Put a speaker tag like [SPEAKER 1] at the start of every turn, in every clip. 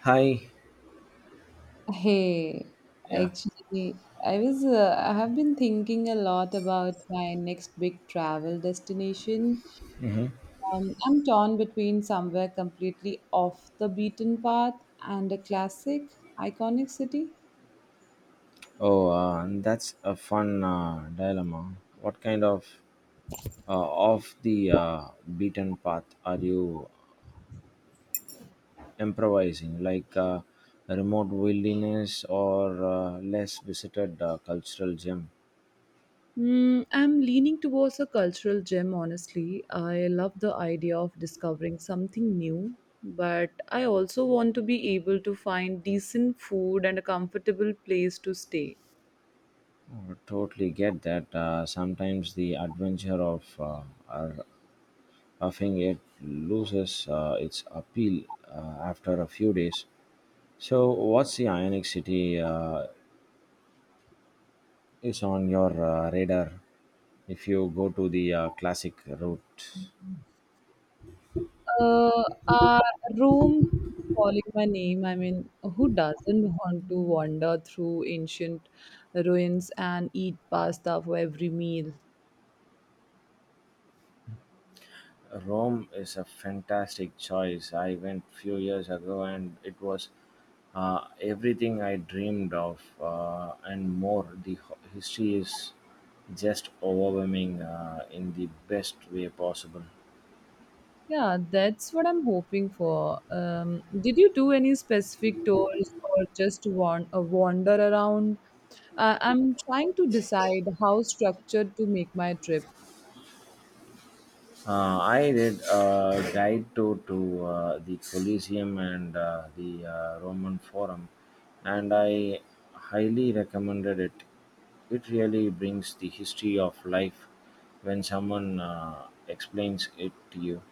[SPEAKER 1] Hi.
[SPEAKER 2] Hey,
[SPEAKER 1] Yeah.
[SPEAKER 2] actually, I have been thinking a lot about my next big travel destination. I'm torn between somewhere completely off the beaten path and a classic, iconic city.
[SPEAKER 1] Oh, that's a fun dilemma. What kind of uh, off the beaten path are you improvising? Like a remote wilderness or less visited cultural gem?
[SPEAKER 2] I'm leaning towards a cultural gem, honestly. I love the idea of discovering something new, but I also want to be able to find decent food and a comfortable place to stay.
[SPEAKER 1] Oh, totally get that. Sometimes the adventure of roughing it loses its appeal after a few days. So, what's the Ionic City is on your radar if you go to the classic route.
[SPEAKER 2] Uh, our room keeps calling my name. I mean, who doesn't want to wander through ancient ruins and eat pasta for every meal?
[SPEAKER 1] Rome is a fantastic choice. I went few years ago and it was everything I dreamed of and more. The history is just overwhelming in the best way possible.
[SPEAKER 2] Yeah, that's what I'm hoping for. Did you do any specific tours or just wander around? I'm trying to decide how structured to make my trip.
[SPEAKER 1] I did a guide tour to the Colosseum and the Roman Forum, and I highly recommended it. It really brings the history of life when someone explains it to you.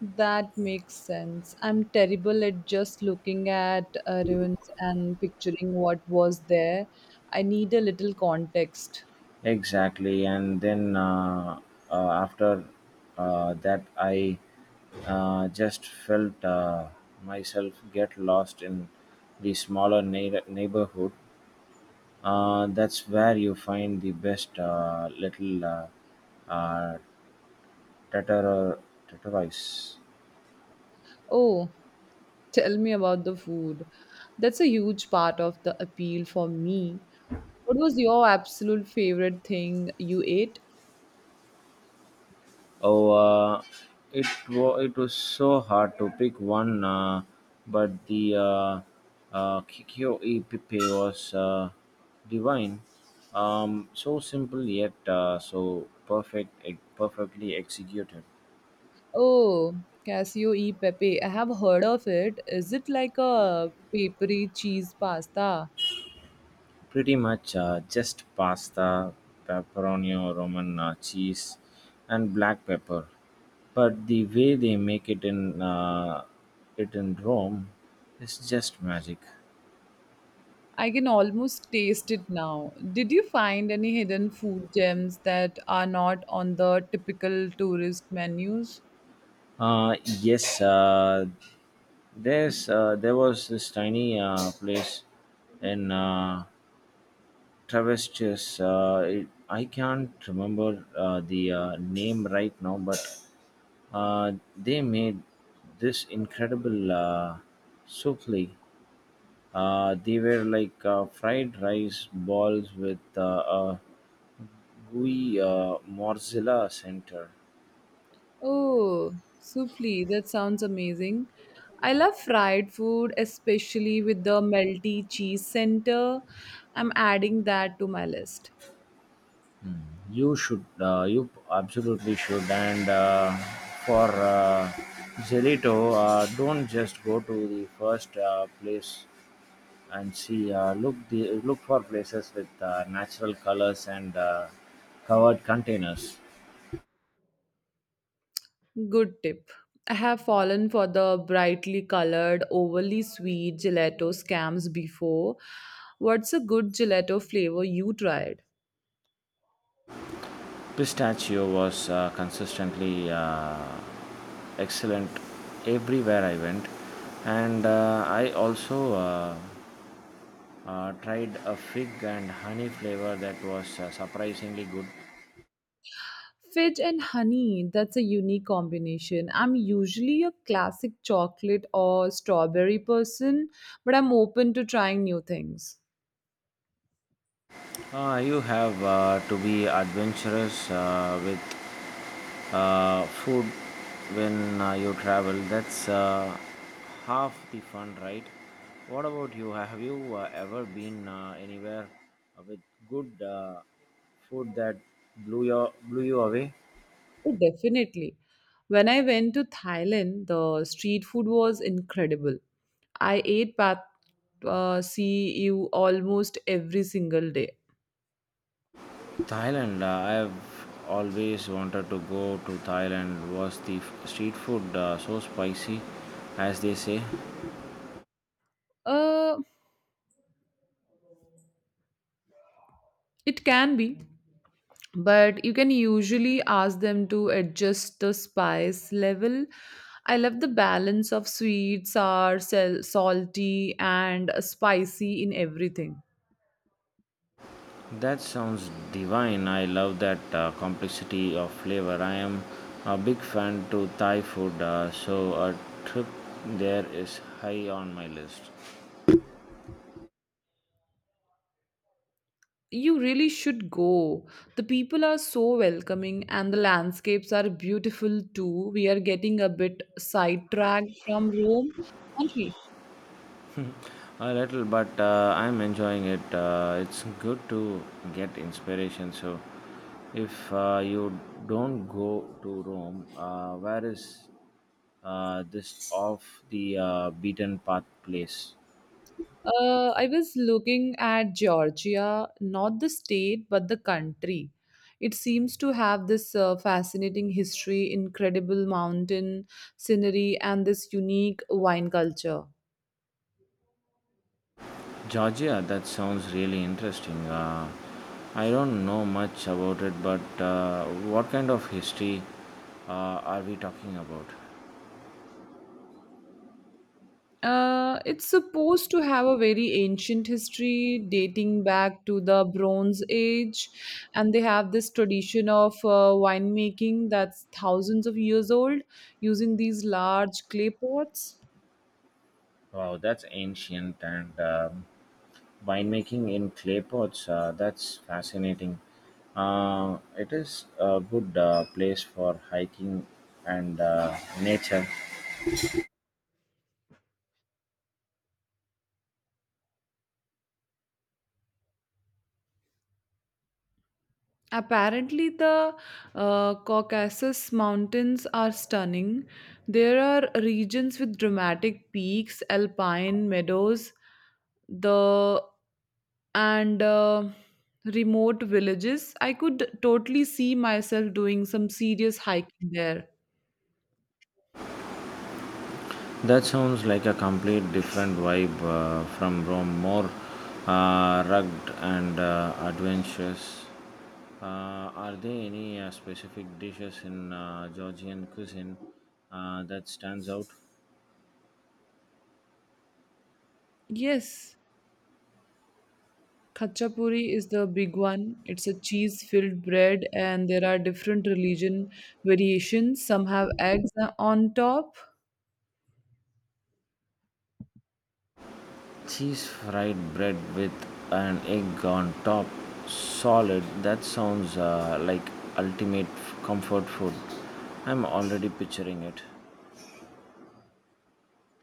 [SPEAKER 2] That makes sense. I'm terrible at just looking at ruins and picturing what was there. I need a little context.
[SPEAKER 1] Exactly, and then after that, I just felt myself get lost in the smaller neighborhood. That's where you find the best little uh, tatar tatarais.
[SPEAKER 2] Oh, tell me about the food. That's a huge part of the appeal for me. What was your absolute favorite thing you ate?
[SPEAKER 1] Oh, it was so hard to pick one, but the Kikyo e Pipe was divine. So simple yet perfectly executed.
[SPEAKER 2] Oh, Casio e Pepe. I have heard of it. Is it like a papery cheese pasta?
[SPEAKER 1] Pretty much just pasta, pepperoni, or Roman cheese, and black pepper. But the way they make it in it in Rome is just magic.
[SPEAKER 2] I can almost taste it now. Did you find any hidden food gems that are not on the typical tourist menus?
[SPEAKER 1] Yes, there was this tiny place in Travestis. It, I can't remember the name right now, but they made this incredible souffle. They were like fried rice balls with a gooey mozzarella center.
[SPEAKER 2] Oh, supli, that sounds amazing. I love fried food, especially with the melty cheese center. I'm adding that to my list.
[SPEAKER 1] You should, you absolutely should. And for gelato, don't just go to the first place and she looked for places with natural colors and covered containers.
[SPEAKER 2] Good tip. I have fallen for the brightly colored, overly sweet gelato scams before. What's a good gelato flavor you tried?
[SPEAKER 1] Pistachio was consistently excellent everywhere I went, and I also tried a fig and honey flavor that was surprisingly good.
[SPEAKER 2] Fudge and honey, that's a unique combination. I'm usually a classic chocolate or strawberry person, but I'm open to trying new things.
[SPEAKER 1] You have to be adventurous with food when you travel, that's half the fun, right? What about you, have you ever been anywhere with good food that blew you away?
[SPEAKER 2] Oh, definitely. When I went to Thailand, the street food was incredible. I ate Pad see you almost every single day.
[SPEAKER 1] Thailand, I have always wanted to go to Thailand. Was the street food so spicy as they say?
[SPEAKER 2] Uh, it can be, but you can usually ask them to adjust the spice level. I love the balance of sweet, sour, salty, and spicy in everything.
[SPEAKER 1] That sounds divine. I love that complexity of flavor. I am a big fan to Thai food, so a trip there is high on my list.
[SPEAKER 2] You really should go. The people are so welcoming, and the landscapes are beautiful too. We are getting a bit sidetracked from Rome, aren't we?
[SPEAKER 1] A little, but I'm enjoying it. It's good to get inspiration. So, if you don't go to Rome, where is this off the beaten path place?
[SPEAKER 2] I was looking at Georgia, not the state, but the country. It seems to have this fascinating history, incredible mountain scenery, and this unique wine culture.
[SPEAKER 1] Georgia, that sounds really interesting. I don't know much about it, but what kind of history are we talking about?
[SPEAKER 2] It's supposed to have a very ancient history dating back to the Bronze Age, and they have this tradition of winemaking that's thousands of years old using these large clay pots.
[SPEAKER 1] Wow, that's ancient. And winemaking in clay pots. That's fascinating. It is a good place for hiking and nature.
[SPEAKER 2] Apparently, the Caucasus Mountains are stunning. There are regions with dramatic peaks, alpine meadows, the and remote villages. I could totally see myself doing some serious hiking there.
[SPEAKER 1] That sounds like a complete different vibe from Rome, more rugged and adventurous. Are there any specific dishes in Georgian cuisine that stands out?
[SPEAKER 2] Yes, khachapuri is the big one. It's a cheese-filled bread, and there are different religion variations. Some have eggs on top.
[SPEAKER 1] Cheese fried bread with an egg on top, solid. That sounds like ultimate comfort food. I'm already picturing it.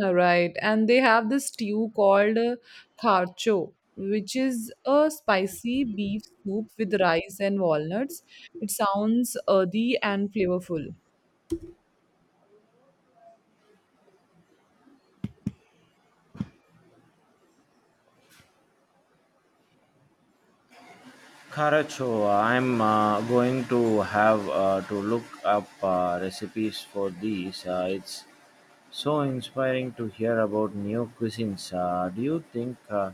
[SPEAKER 2] Right, and they have this stew called tharcho, which is a spicy beef soup with rice and walnuts. It sounds earthy and flavorful.
[SPEAKER 1] Karacho, I'm going to have to look up recipes for these. It's so inspiring to hear about new cuisines. Do you think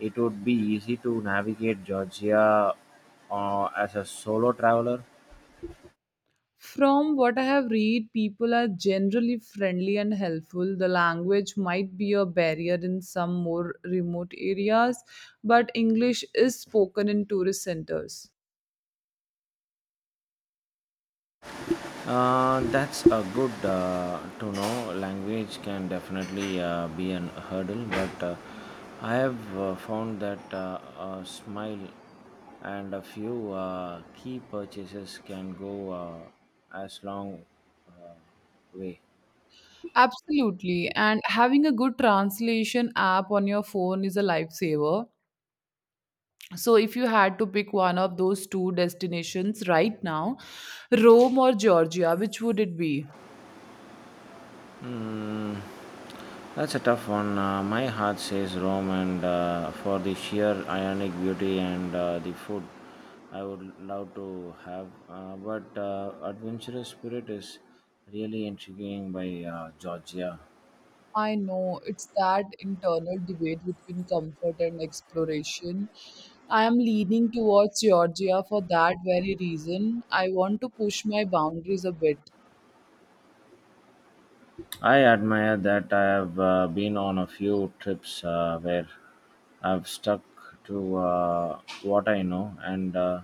[SPEAKER 1] it would be easy to navigate Georgia as a solo traveler?
[SPEAKER 2] From what I have read, people are generally friendly and helpful. The language might be a barrier in some more remote areas, but English is spoken in tourist centers.
[SPEAKER 1] That's a good to know. Language can definitely be an hurdle, but I have found that a smile and a few key purchases can go as long uh, way.
[SPEAKER 2] Absolutely, and having a good translation app on your phone is a lifesaver. So, if you had to pick one of those two destinations right now, Rome or Georgia, which would it be?
[SPEAKER 1] That's a tough one. My heart says Rome, and for the sheer ionic beauty and the food, I would love to have. But adventurous spirit is really intriguing by Georgia.
[SPEAKER 2] I know it's that internal debate between comfort and exploration. I am leaning towards Georgia for that very reason. I want to push my boundaries a bit.
[SPEAKER 1] I admire that. I have been on a few trips where I've stuck to what I know, and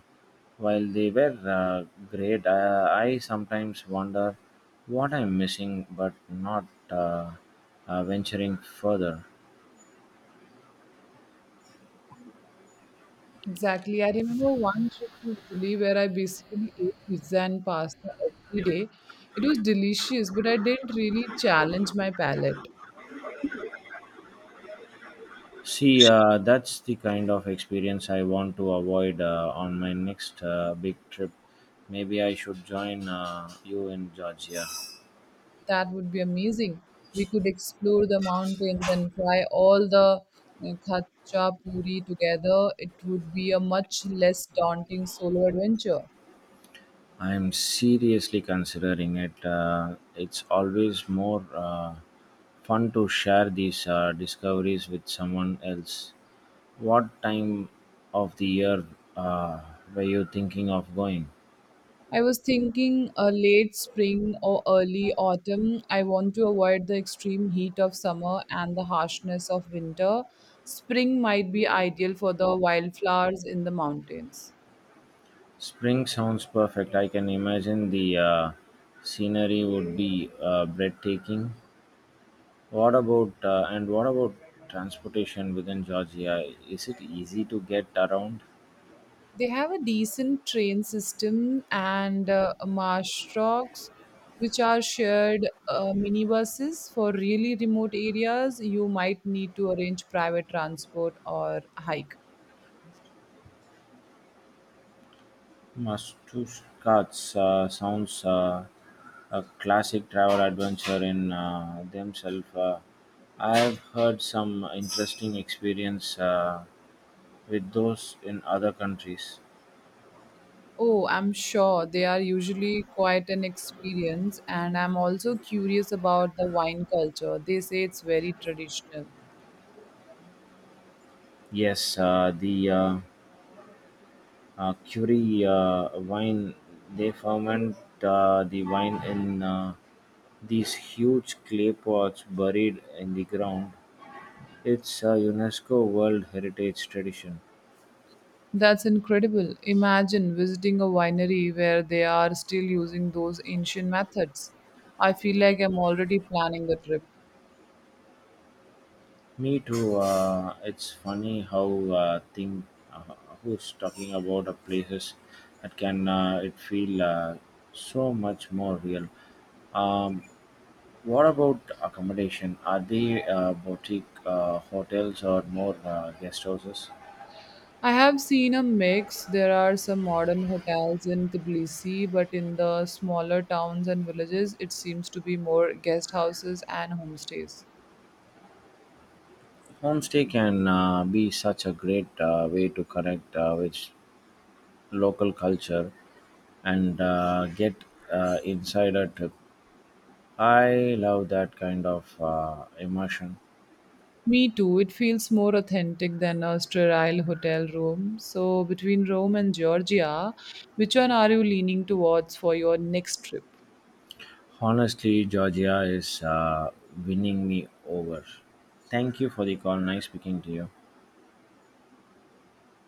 [SPEAKER 1] while they were great, I sometimes wonder what I'm missing, but not venturing further.
[SPEAKER 2] Exactly. I remember one trip to Italy where I basically ate pizza and pasta every day. It was delicious, but I didn't really challenge my palate.
[SPEAKER 1] See, that's the kind of experience I want to avoid on my next big trip. Maybe I should join you in Georgia.
[SPEAKER 2] That would be amazing. We could explore the mountains and try all the uh, khacha puri together. It would be a much less daunting solo adventure.
[SPEAKER 1] I'm seriously considering it. It's always more fun to share these discoveries with someone else. What time of the year uh, were you thinking of going?
[SPEAKER 2] I was thinking a late spring or early autumn. I want to avoid the extreme heat of summer and the harshness of winter. Spring might be ideal for the wildflowers in the mountains.
[SPEAKER 1] Spring sounds perfect. I can imagine the scenery would be breathtaking. What about transportation within Georgia? Is it easy to get around?
[SPEAKER 2] They have a decent train system and marsh trucks, which are shared minibuses for really remote areas. You might need to arrange private transport or hike.
[SPEAKER 1] Mastuskas sounds a classic travel adventure in themselves. I've heard some interesting experience with those in other countries.
[SPEAKER 2] Oh, I'm sure they are usually quite an experience, and I'm also curious about the wine culture. They say it's very traditional.
[SPEAKER 1] Yes, the Curie wine, they ferment the wine in these huge clay pots buried in the ground. It's a UNESCO World Heritage Tradition.
[SPEAKER 2] That's incredible. Imagine visiting a winery where they are still using those ancient methods. I feel like I'm already planning the trip.
[SPEAKER 1] Me too. It's funny how thing uh, who's talking about places that can it feel so much more real. Um, what about accommodation? Are they boutique hotels or more guest houses?
[SPEAKER 2] I have seen a mix. There are some modern hotels in Tbilisi, but in the smaller towns and villages, it seems to be more guest houses and homestays.
[SPEAKER 1] Homestay can be such a great way to connect with local culture and get inside a trip. I love that kind of immersion.
[SPEAKER 2] Me too. It feels more authentic than a sterile hotel room. So, between Rome and Georgia, which one are you leaning towards for your next trip?
[SPEAKER 1] Honestly, Georgia is winning me over. Thank you for the call. Nice speaking to you.